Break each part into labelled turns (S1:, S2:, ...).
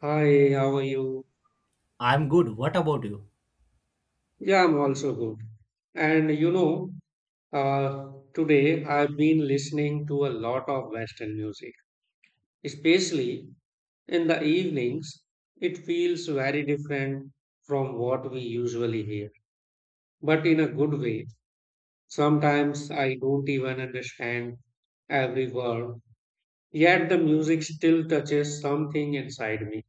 S1: Hi, how are you?
S2: I'm good. What about you?
S1: Yeah, I'm also good. And you know, today I've been listening to a lot of Western music, especially in the evenings. It feels very different from what we usually hear, but in a good way. Sometimes I don't even understand every word, yet the music still touches something inside me.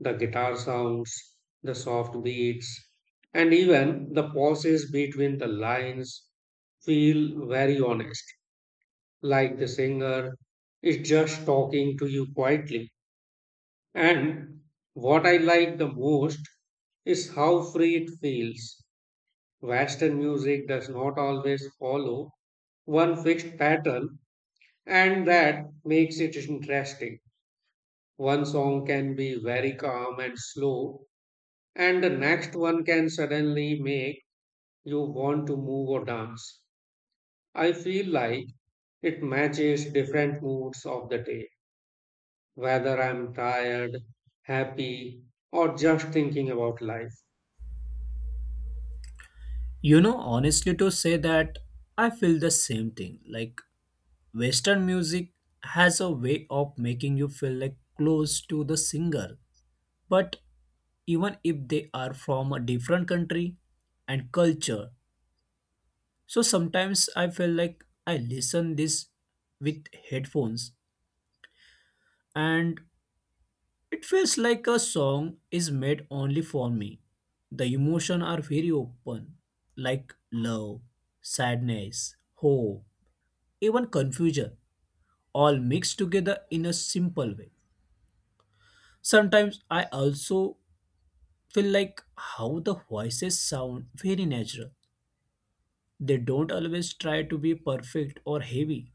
S1: The guitar sounds, the soft beats, and even the pauses between the lines feel very honest, like the singer is just talking to you quietly. And what I like the most is how free it feels. Western music does not always follow one fixed pattern, and that makes it interesting. One song can be very calm and slow, and the next one can suddenly make you want to move or dance. I feel like it matches different moods of the day, whether I'm tired, happy, or just thinking about life.
S2: You know, honestly, to say that I feel the same thing. Western music has a way of making you feel like close to the singer. But even if they are from a different country and culture, so sometimes I feel like I listen this with headphones and it feels like a song is made only for me. The emotions are very open, like love, sadness, hope, even confusion, all mixed together in a simple way. Sometimes I also feel like how the voices sound very natural. They don't always try to be perfect or heavy.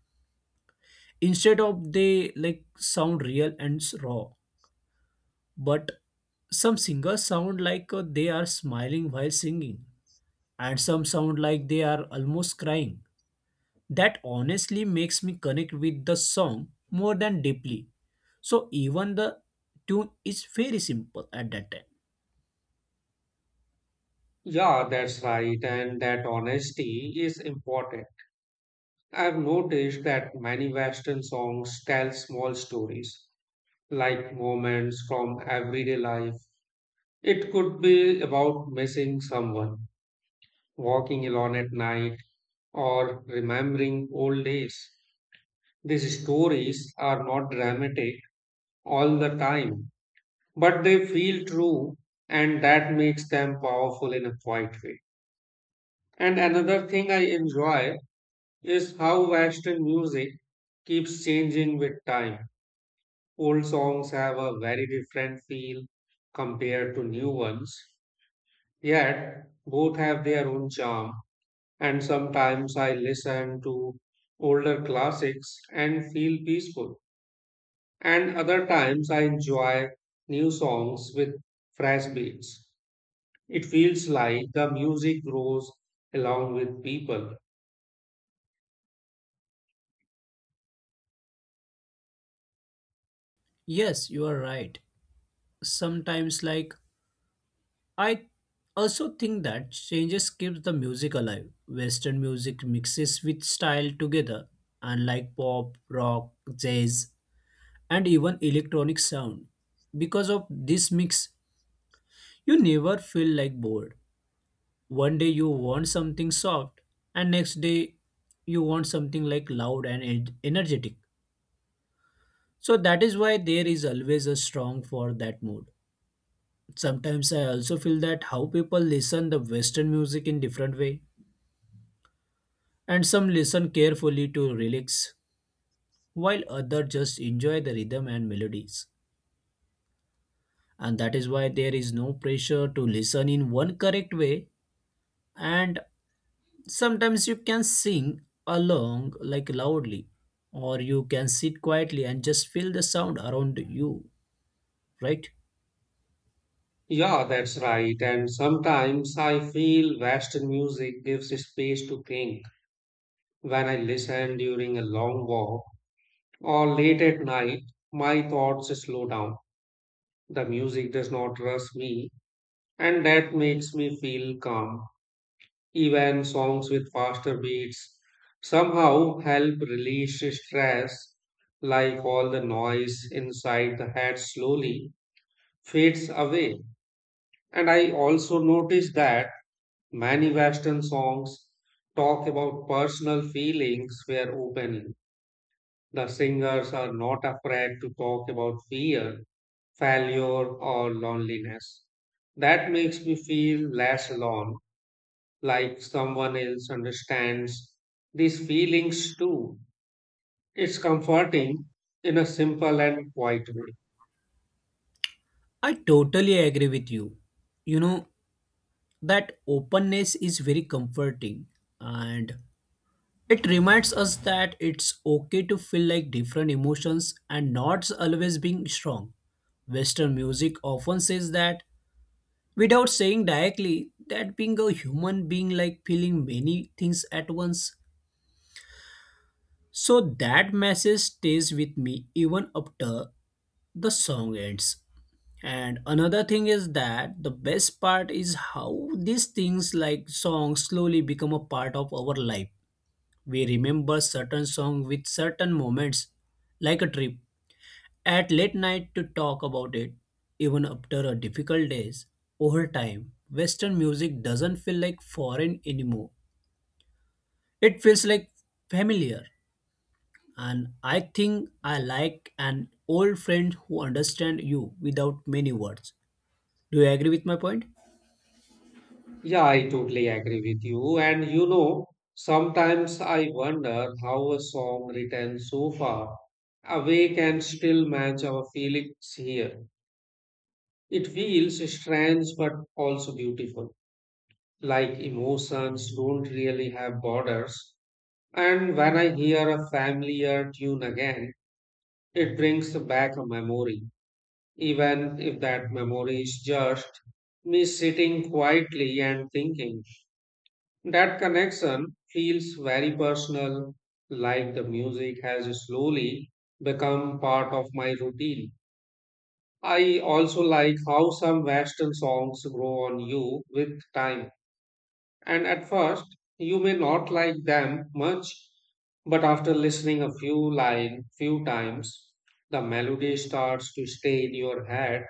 S2: Instead of they like sound real and raw. But some singers sound like they are smiling while singing and some sound like they are almost crying. That honestly makes me connect with the song more than deeply. So even the tune is very simple at that time.
S1: Yeah, that's right, and that honesty is important. I've noticed that many Western songs tell small stories, like moments from everyday life. It could be about missing someone, walking alone at night, or remembering old days. These stories are not dramatic all the time, but they feel true, and that makes them powerful in a quiet way. And another thing I enjoy is how Western music keeps changing with time. Old songs have a very different feel compared to new ones, yet both have their own charm. And sometimes I listen to older classics and feel peaceful. And other times I enjoy new songs with fresh beats. It feels like the music grows along with people.
S2: Yes, you are right. Sometimes like I also think that changes keeps the music alive. Western music mixes with style together and like pop, rock, jazz and even electronic sound. Because of this mix, you never feel like bored. One day you want something soft, and next day you want something like loud and energetic. So that is why there is always a strong for that mood. Sometimes I also feel that how people listen the western music in different way and some listen carefully to lyrics while other just enjoy the rhythm and melodies. And that is why there is no pressure to listen in one correct way and sometimes you can sing along like loudly or you can sit quietly and just feel the sound around you, right?
S1: Yeah, that's right. And sometimes I feel Western music gives space to think. When I listen during a long walk or late at night, my thoughts slow down. The music does not rush me, and that makes me feel calm. Even songs with faster beats somehow help release stress, like all the noise inside the head slowly fades away. And I also notice that many Western songs talk about personal feelings were openly. The singers are not afraid to talk about fear, failure, or loneliness. That makes me feel less alone, like someone else understands these feelings too. It's comforting in a simple and quiet way.
S2: I totally agree with you. You know, that openness is very comforting and it reminds us that it's okay to feel like different emotions and not always being strong. Western music often says that without saying directly that being a human being like feeling many things at once. So that message stays with me even after the song ends. And another thing is that the best part is how these things like songs slowly become a part of our life. We remember certain song with certain moments, like a trip at late night to talk about it, even after a difficult days. Over time, Western music doesn't feel like foreign anymore. It feels like familiar. And I think I like an old friend who understands you without many words. Do you agree with my point?
S1: Yeah, I totally agree with you. And you know, sometimes I wonder how a song written so far away can still match our feelings here. It feels strange but also beautiful, like emotions don't really have borders. And when I hear a familiar tune again, it brings back a memory, even if that memory is just me sitting quietly and thinking. That connection feels very personal, like the music has slowly become part of my routine. I also like how some Western songs grow on you with time. And at first, you may not like them much, but after listening a few line few times, the melody starts to stay in your head.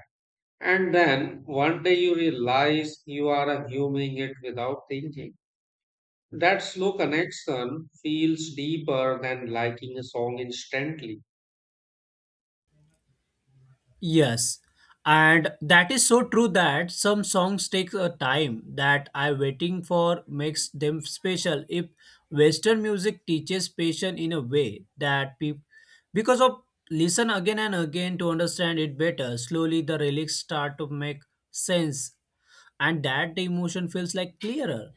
S1: And then one day you realize you are humming it without thinking. That slow connection feels deeper than liking a song instantly.
S2: Yes. And that is so true that some songs take a time that I waiting for makes them special. If Western music teaches patience in a way that people, because of listen again and again to understand it better, slowly the lyrics start to make sense and that the emotion feels like clearer.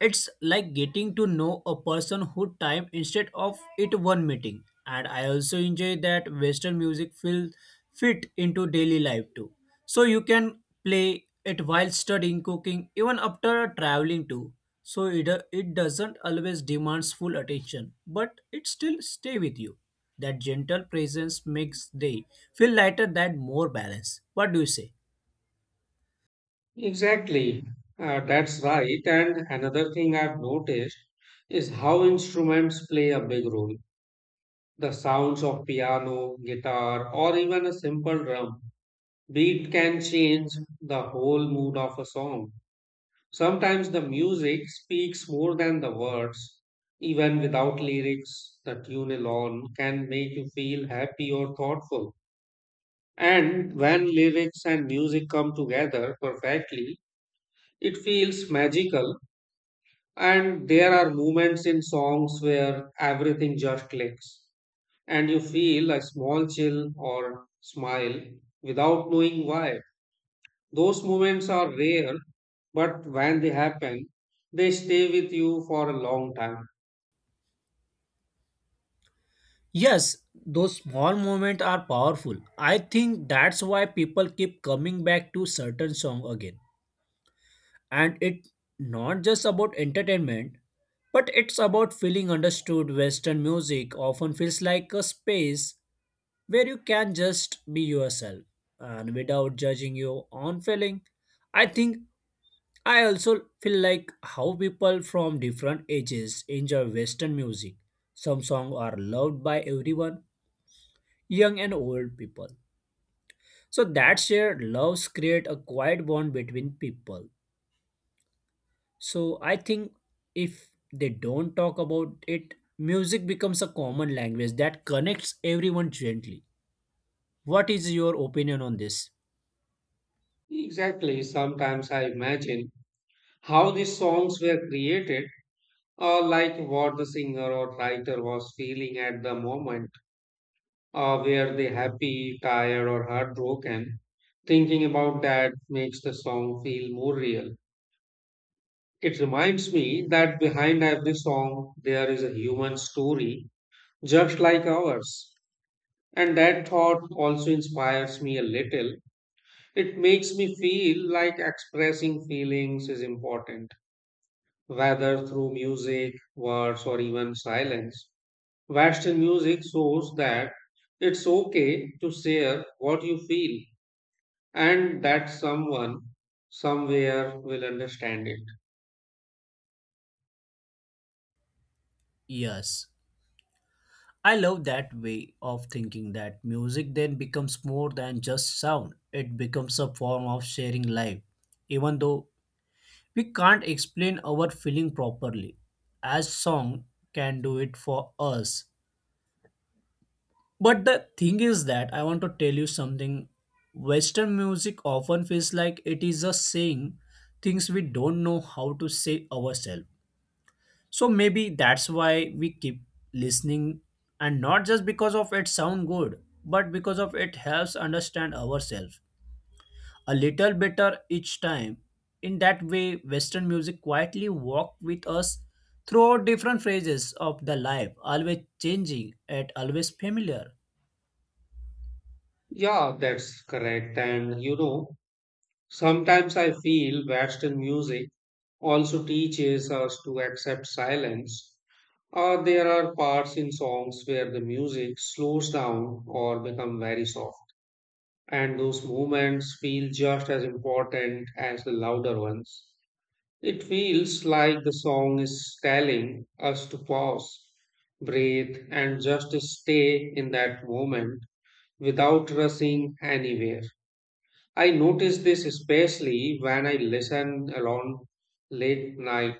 S2: It's like getting to know a person who time instead of it one meeting. And I also enjoy that Western music feel fit into daily life too. So you can play it while studying, cooking, even after traveling too. So it doesn't always demands full attention, but it still stay with you. That gentle presence makes day feel lighter than more balance. What do you say?
S1: Exactly. That's right. And another thing I've noticed is how instruments play a big role. The sounds of piano, guitar, or even a simple drum beat can change the whole mood of a song. Sometimes the music speaks more than the words. Even without lyrics, the tune alone can make you feel happy or thoughtful. And when lyrics and music come together perfectly, it feels magical. And there are moments in songs where everything just clicks, and you feel a small chill or smile without knowing why. Those moments are rare, but when they happen, they stay with you for a long time.
S2: Yes, those small moments are powerful. I think that's why people keep coming back to certain song again. And it not just about entertainment, but it's about feeling understood. Western music often feels like a space where you can just be yourself and without judging your own feeling. I think I also feel like how people from different ages enjoy Western music. Some songs are loved by everyone young and old people. So that shared loves create a quiet bond between people. So I think if they don't talk about it, music becomes a common language that connects everyone gently. What is your opinion on this?
S1: Exactly, sometimes I imagine how these songs were created, or like what the singer or writer was feeling at the moment. Were they happy, tired, or heartbroken? Thinking about that makes the song feel more real. It reminds me that behind every song there is a human story, just like ours. And that thought also inspires me a little. It makes me feel like expressing feelings is important, whether through music, words, or even silence. Western music shows that it's okay to share what you feel, and that someone somewhere will understand it.
S2: Yes. I love that way of thinking that music then becomes more than just sound. It becomes a form of sharing life, even though we can't explain our feeling properly, as song can do it for us. But the thing is that I want to tell you something. Western music often feels like it is a saying things we don't know how to say ourselves. So maybe that's why we keep listening and not just because of it sound good, but because of it helps understand ourselves a little better each time. In that way, Western music quietly walked with us throughout different phases of the life, always changing and always familiar.
S1: Yeah, that's correct. And you know, sometimes I feel Western music also teaches us to accept silence, or there are parts in songs where the music slows down or become very soft, and those moments feel just as important as the louder ones. It feels like the song is telling us to pause, breathe, and just stay in that moment without rushing anywhere. I noticed this especially when I listen alone late night.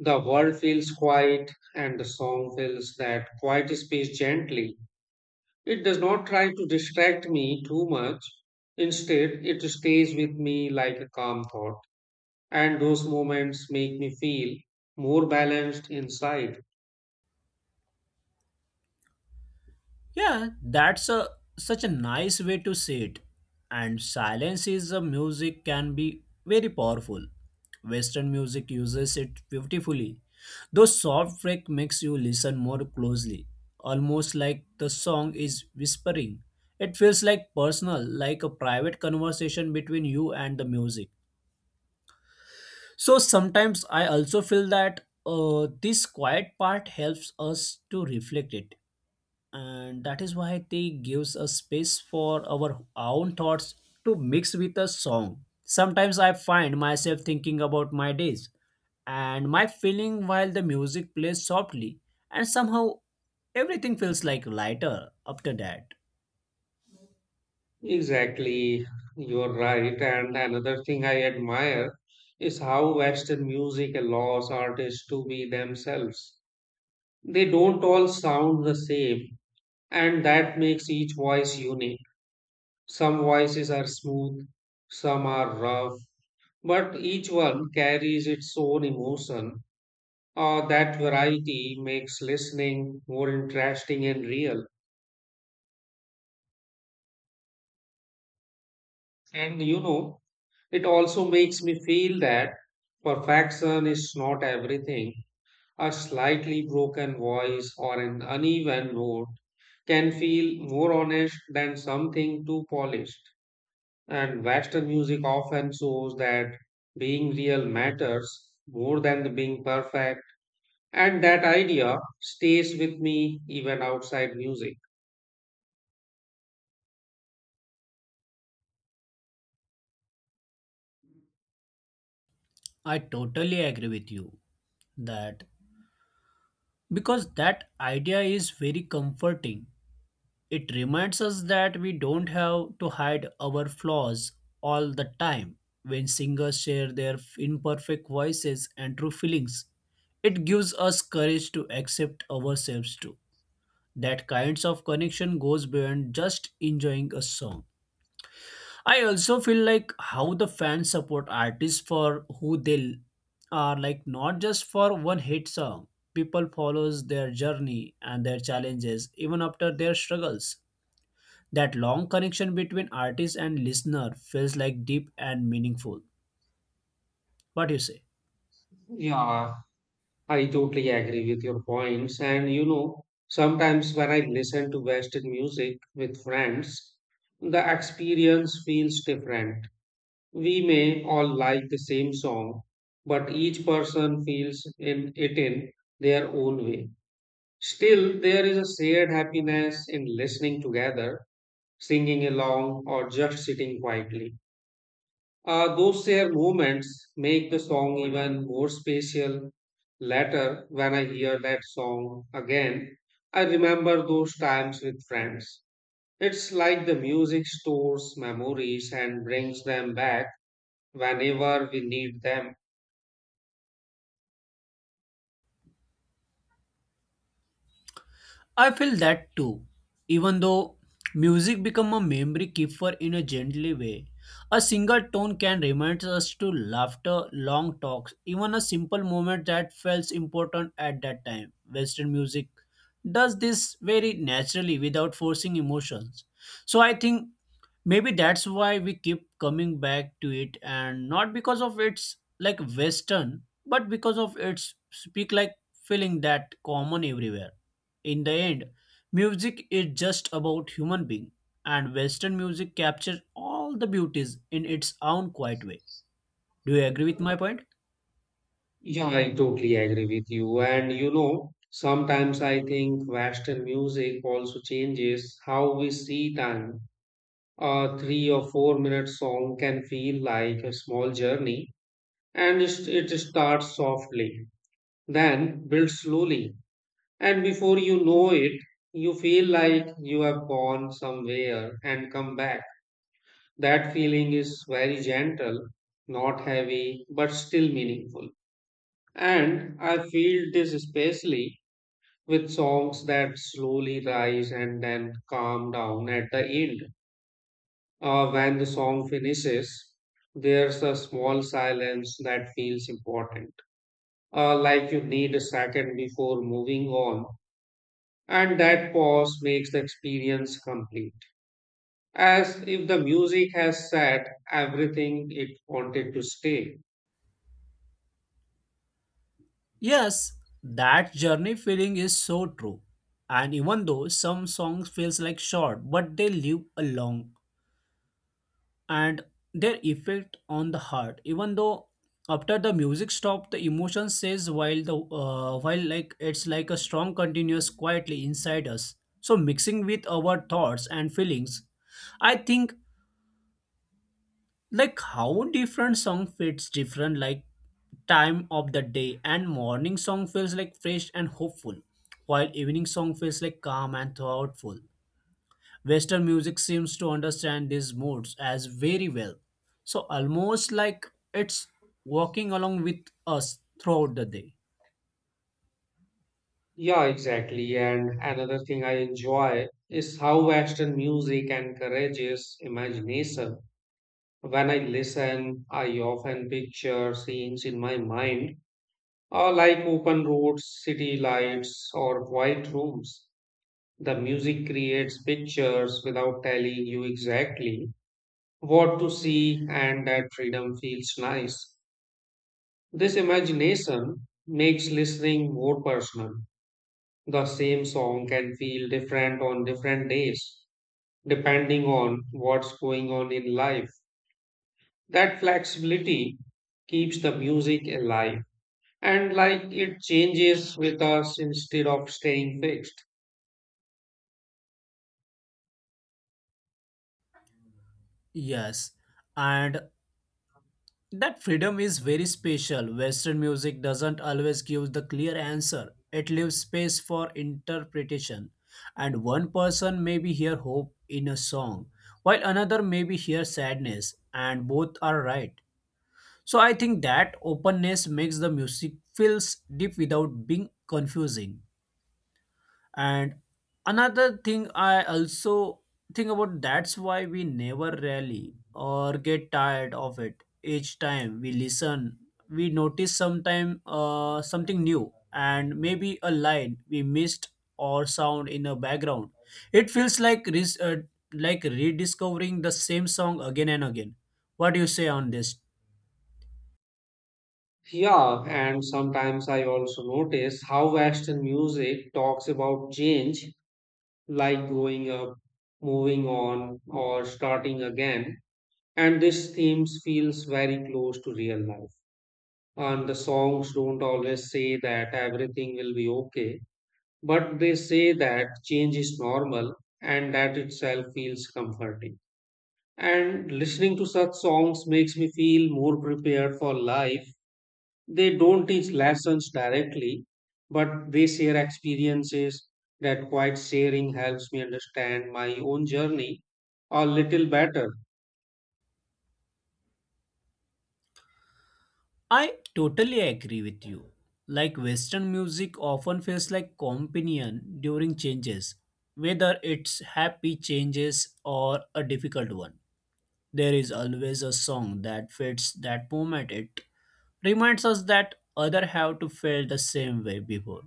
S1: The world feels quiet and the song fills that quiet space gently. It does not try to distract me too much. Instead, it stays with me like a calm thought. And those moments make me feel more balanced inside.
S2: Yeah, that's a such a nice way to say it. And silence is a music can be very powerful. Western music uses it beautifully. Though soft break makes you listen more closely, almost like the song is whispering. It feels like personal, like a private conversation between you and the music. So sometimes I also feel that this quiet part helps us to reflect it and that is why they gives a space for our own thoughts to mix with a song. Sometimes I find myself thinking about my days and my feeling while the music plays softly and somehow everything feels like lighter after that.
S1: Exactly, you're right. And another thing I admire is how Western music allows artists to be themselves. They don't all sound the same, and that makes each voice unique. Some voices are smooth, some are rough, but each one carries its own emotion. That variety makes listening more interesting and real. And you know, it also makes me feel that perfection is not everything. A slightly broken voice or an uneven note can feel more honest than something too polished. And Western music often shows that being real matters more than being perfect. And that idea stays with me even outside music.
S2: I totally agree with you. That, because that idea is very comforting. It reminds us that we don't have to hide our flaws all the time. When singers share their imperfect voices and true feelings, it gives us courage to accept ourselves too. That kinds of connection goes beyond just enjoying a song. I also feel like how the fans support artists for who they are like not just for one hit song. People follows their journey and their challenges even after their struggles. That long connection between artist and listener feels like deep and meaningful. What do you say?
S1: Yeah, I totally agree with your points. And you know, sometimes when I listen to Western music with friends, the experience feels different. We may all like the same song, but each person feels in it in their own way. Still, there is a shared happiness in listening together, singing along, or just sitting quietly. Those shared moments make the song even more special. Later, when I hear that song again, I remember those times with friends. It's like the music stores memories and brings them back whenever we need them.
S2: I feel that too. Even though music become a memory keeper in a gently way, a single tone can remind us to laughter, long talks, even a simple moment that felt important at that time. Western music does this very naturally without forcing emotions. So I think maybe that's why we keep coming back to it and not because of its like western but because of its speak like feeling that common everywhere. In the end music is just about human being and western music captures all the beauties in its own quiet way. Do you agree with my point?
S1: Yeah, I totally agree with you. And you know, sometimes I think Western music also changes how we see time. A 3 or 4 minute song can feel like a small journey, and it starts softly, then builds slowly. And before you know it, you feel like you have gone somewhere and come back. That feeling is very gentle, not heavy, but still meaningful. And I feel this especially with songs that slowly rise and then calm down at the end. When the song finishes, there's a small silence that feels important, like you need a second before moving on. And that pause makes the experience complete, as if the music has said everything it wanted to say.
S2: Yes, that journey feeling is so true and even though some songs feels like short but they live a long and their effect on the heart even though after the music stop the emotion stays while the while like it's like a strong continuous quietly inside us so mixing with our thoughts and feelings. I think like how different song fits different like time of the day and morning song feels like fresh and hopeful while evening song feels like calm and thoughtful. Western music seems to understand these moods as very well. So almost like it's walking along with us throughout the day.
S1: Yeah, exactly. And another thing I enjoy is how Western music encourages imagination. When I listen, I often picture scenes in my mind, like open roads, city lights, or quiet rooms. The music creates pictures without telling you exactly what to see, and that freedom feels nice. This imagination makes listening more personal. The same song can feel different on different days, depending on what's going on in life. That flexibility keeps the music alive, and like it changes with us instead of staying fixed.
S2: Yes, and that freedom is very special. Western music doesn't always give the clear answer, it leaves space for interpretation. And one person may be hear hope in a song, while another may be hear sadness, and both are right. So I think that openness makes the music feels deep without being confusing. And another thing I also think about that's why we never really or get tired of it. Each time we listen, we notice sometime something new and maybe a line we missed or sound in a background. It feels like like rediscovering the same song again and again. What do you say on this?
S1: Yeah, and sometimes I also notice how Western music talks about change, like going up, moving on, or starting again. And this themes feels very close to real life. And the songs don't always say that everything will be okay. But they say that change is normal, and that itself feels comforting. And listening to such songs makes me feel more prepared for life. They don't teach lessons directly, but they share experiences. That quiet sharing helps me understand my own journey a little better.
S2: I totally agree with you. Like Western music often feels like companion during changes, whether it's happy changes or a difficult one. There is always a song that fits that moment. It reminds us that other have to feel the same way before.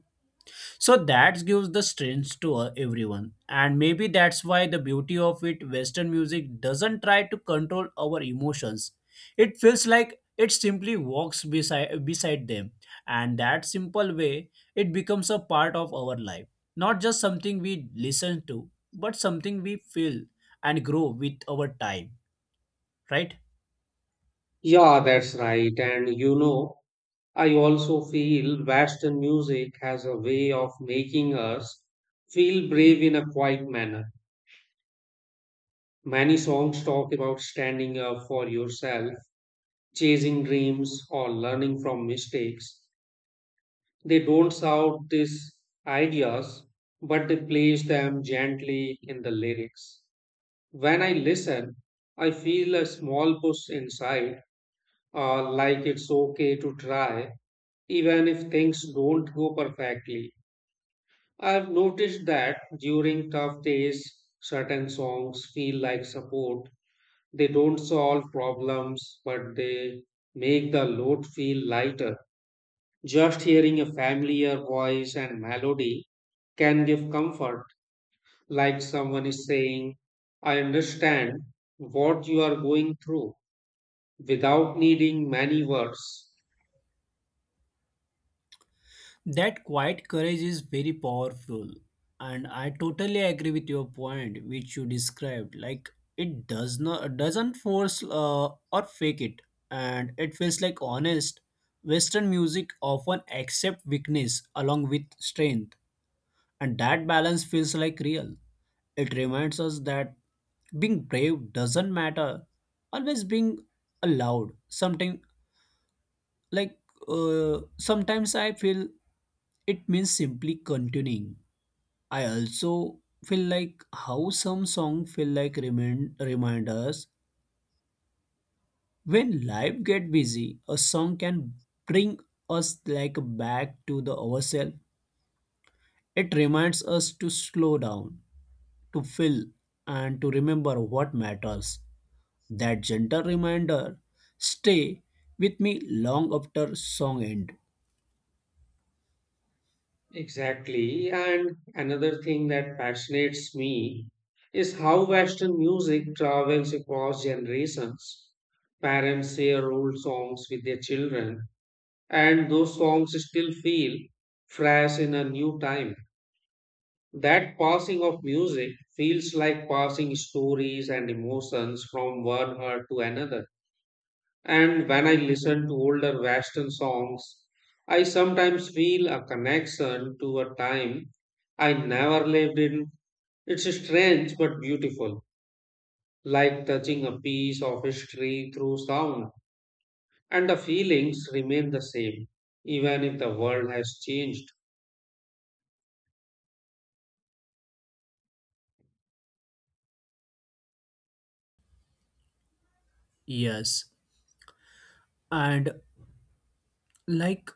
S2: So that gives the strength to everyone. And maybe that's why the beauty of it, Western music doesn't try to control our emotions. It feels like it simply walks beside, beside them. And that simple way, it becomes a part of our life. Not just something we listen to, but something we feel and grow with our time, right?
S1: Yeah, that's right. And you know, I also feel Western music has a way of making us feel brave in a quiet manner. Many songs talk about standing up for yourself, chasing dreams, or learning from mistakes. They don't shout these ideas, but they place them gently in the lyrics. When I listen, I feel a small push inside, like it's okay to try, even if things don't go perfectly. I've noticed that during tough days, certain songs feel like support. They don't solve problems, but they make the load feel lighter. Just hearing a familiar voice and melody can give comfort, like someone is saying, I understand what you are going through without needing many words.
S2: That quiet courage is very powerful, and I totally agree with your point, which you described. Like it does not doesn't force or fake it, and it feels like honest. Western music often accept weakness along with strength, and that balance feels like real. It reminds us that being brave doesn't matter. Always being allowed. Something like sometimes I feel it means simply continuing. I also feel like how some song feel like reminders. When life get busy a song can bring us like back to the ourselves. It reminds us to slow down, to feel and to remember what matters. That gentle reminder stay with me long after song end.
S1: Exactly. And another thing that fascinates me is how Western music travels across generations. Parents share old songs with their children, and those songs still feel fresh in a new time. That passing of music feels like passing stories and emotions from one heart to another. And when I listen to older Western songs, I sometimes feel a connection to a time I never lived in. It's strange but beautiful, like touching a piece of history through sound, and the feelings remain the same, even if the world has changed.
S2: Yes, and like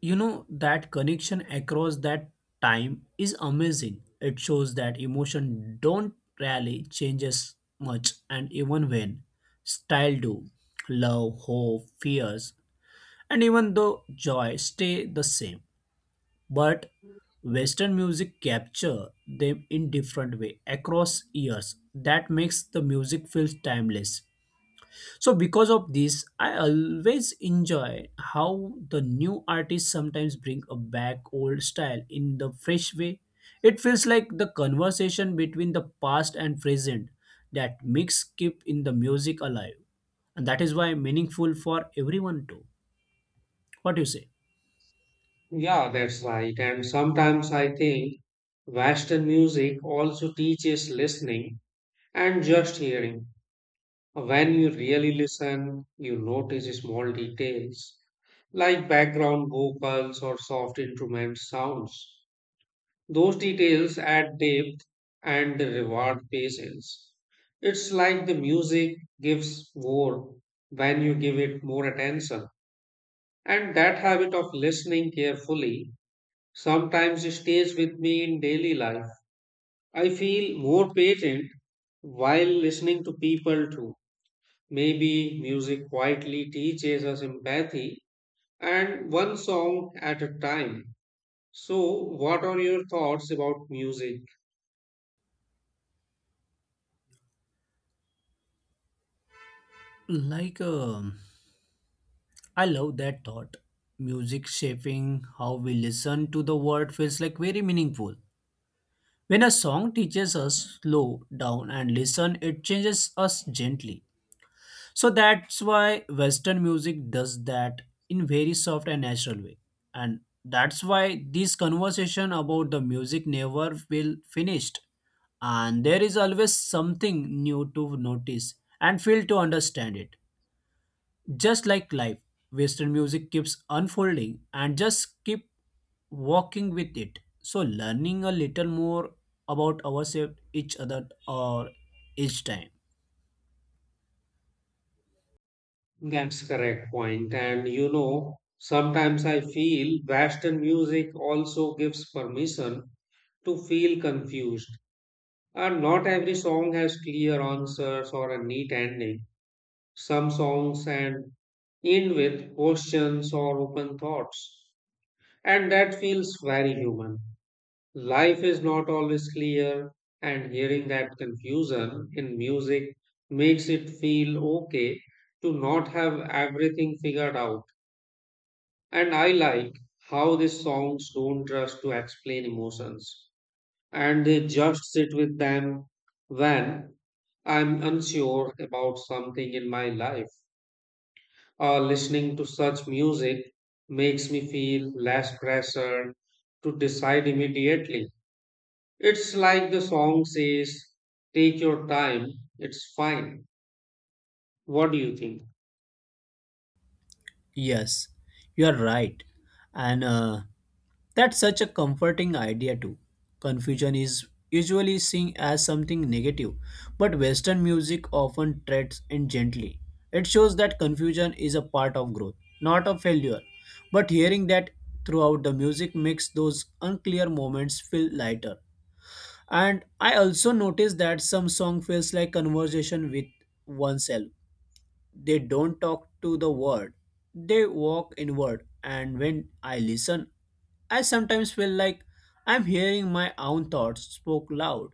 S2: you know that connection across that time is amazing. It shows that emotion don't really changes much and even when style do love hope fears and even though joy stay the same but western music capture them in different way across years that makes the music feels timeless. So, because of this, I always enjoy how the new artists sometimes bring a back old style in the fresh way. It feels like the conversation between the past and present that mix keep in the music alive. And that is why meaningful for everyone too. What do you say?
S1: Yeah, that's right. And sometimes I think Western music also teaches listening and just hearing. When you really listen, you notice small details like background vocals or soft instrument sounds. Those details add depth and reward patience. It's like the music gives more when you give it more attention. And that habit of listening carefully sometimes stays with me in daily life. I feel more patient while listening to people too. Maybe music quietly teaches us empathy, and one song at a time. So, what are your thoughts about music?
S2: Like, um, I love that thought. Music shaping how we listen to the word feels like very meaningful. When a song teaches us slow down and listen, it changes us gently. So that's why Western music does that in very soft and natural way. And that's why this conversation about the music never will finished. And there is always something new to notice and feel to understand it. Just like life, Western music keeps unfolding and just keep walking with it. So learning a little more about ourselves, each other, or each time.
S1: That's correct point. And you know, sometimes I feel Western music also gives permission to feel confused. And not every song has clear answers or a neat ending. Some songs and end with questions or open thoughts, and that feels very human. Life is not always clear, and hearing that confusion in music makes it feel okay to not have everything figured out. And I like how these songs don't rush to explain emotions, and they just sit with them when I'm unsure about something in my life. Or listening to such music makes me feel less pressure to decide immediately. It's like the song says, take your time, it's fine. What do you think?
S2: Yes, you are right. And that's such a comforting idea, too. Confusion is usually seen as something negative, but Western music often treads it gently. It shows that confusion is a part of growth, not a failure. But hearing that throughout the music makes those unclear moments feel lighter. And I also noticed that some song feels like conversation with oneself. They don't talk to the world, they walk inward. And when I listen, I sometimes feel like I'm hearing my own thoughts spoke loud.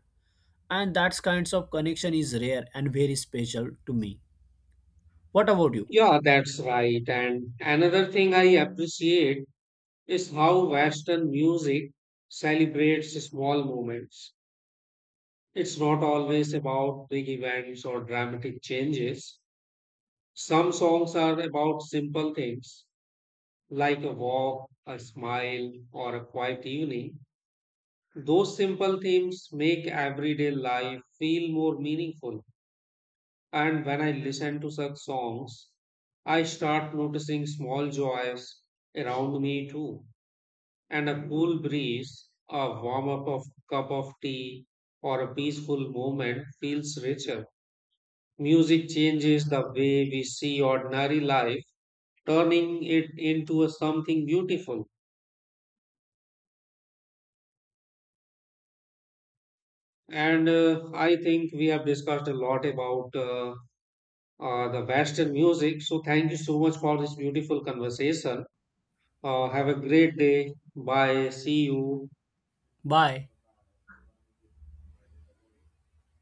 S2: And that kinds of connection is rare and very special to me. What about you?
S1: Yeah, that's right. And another thing I appreciate is how Western music celebrates small moments. It's not always about big events or dramatic changes. Some songs are about simple things like a walk, a smile, or a quiet evening. Those simple themes make everyday life feel more meaningful. And when I listen to such songs, I start noticing small joys around me too. And a cool breeze, a warm up of cup of tea, or a peaceful moment feels richer. Music changes the way we see ordinary life, turning it into a something beautiful. And I think we have discussed a lot about the Western music. So thank you so much for this beautiful conversation. Have a great day. Bye. See you.
S2: Bye.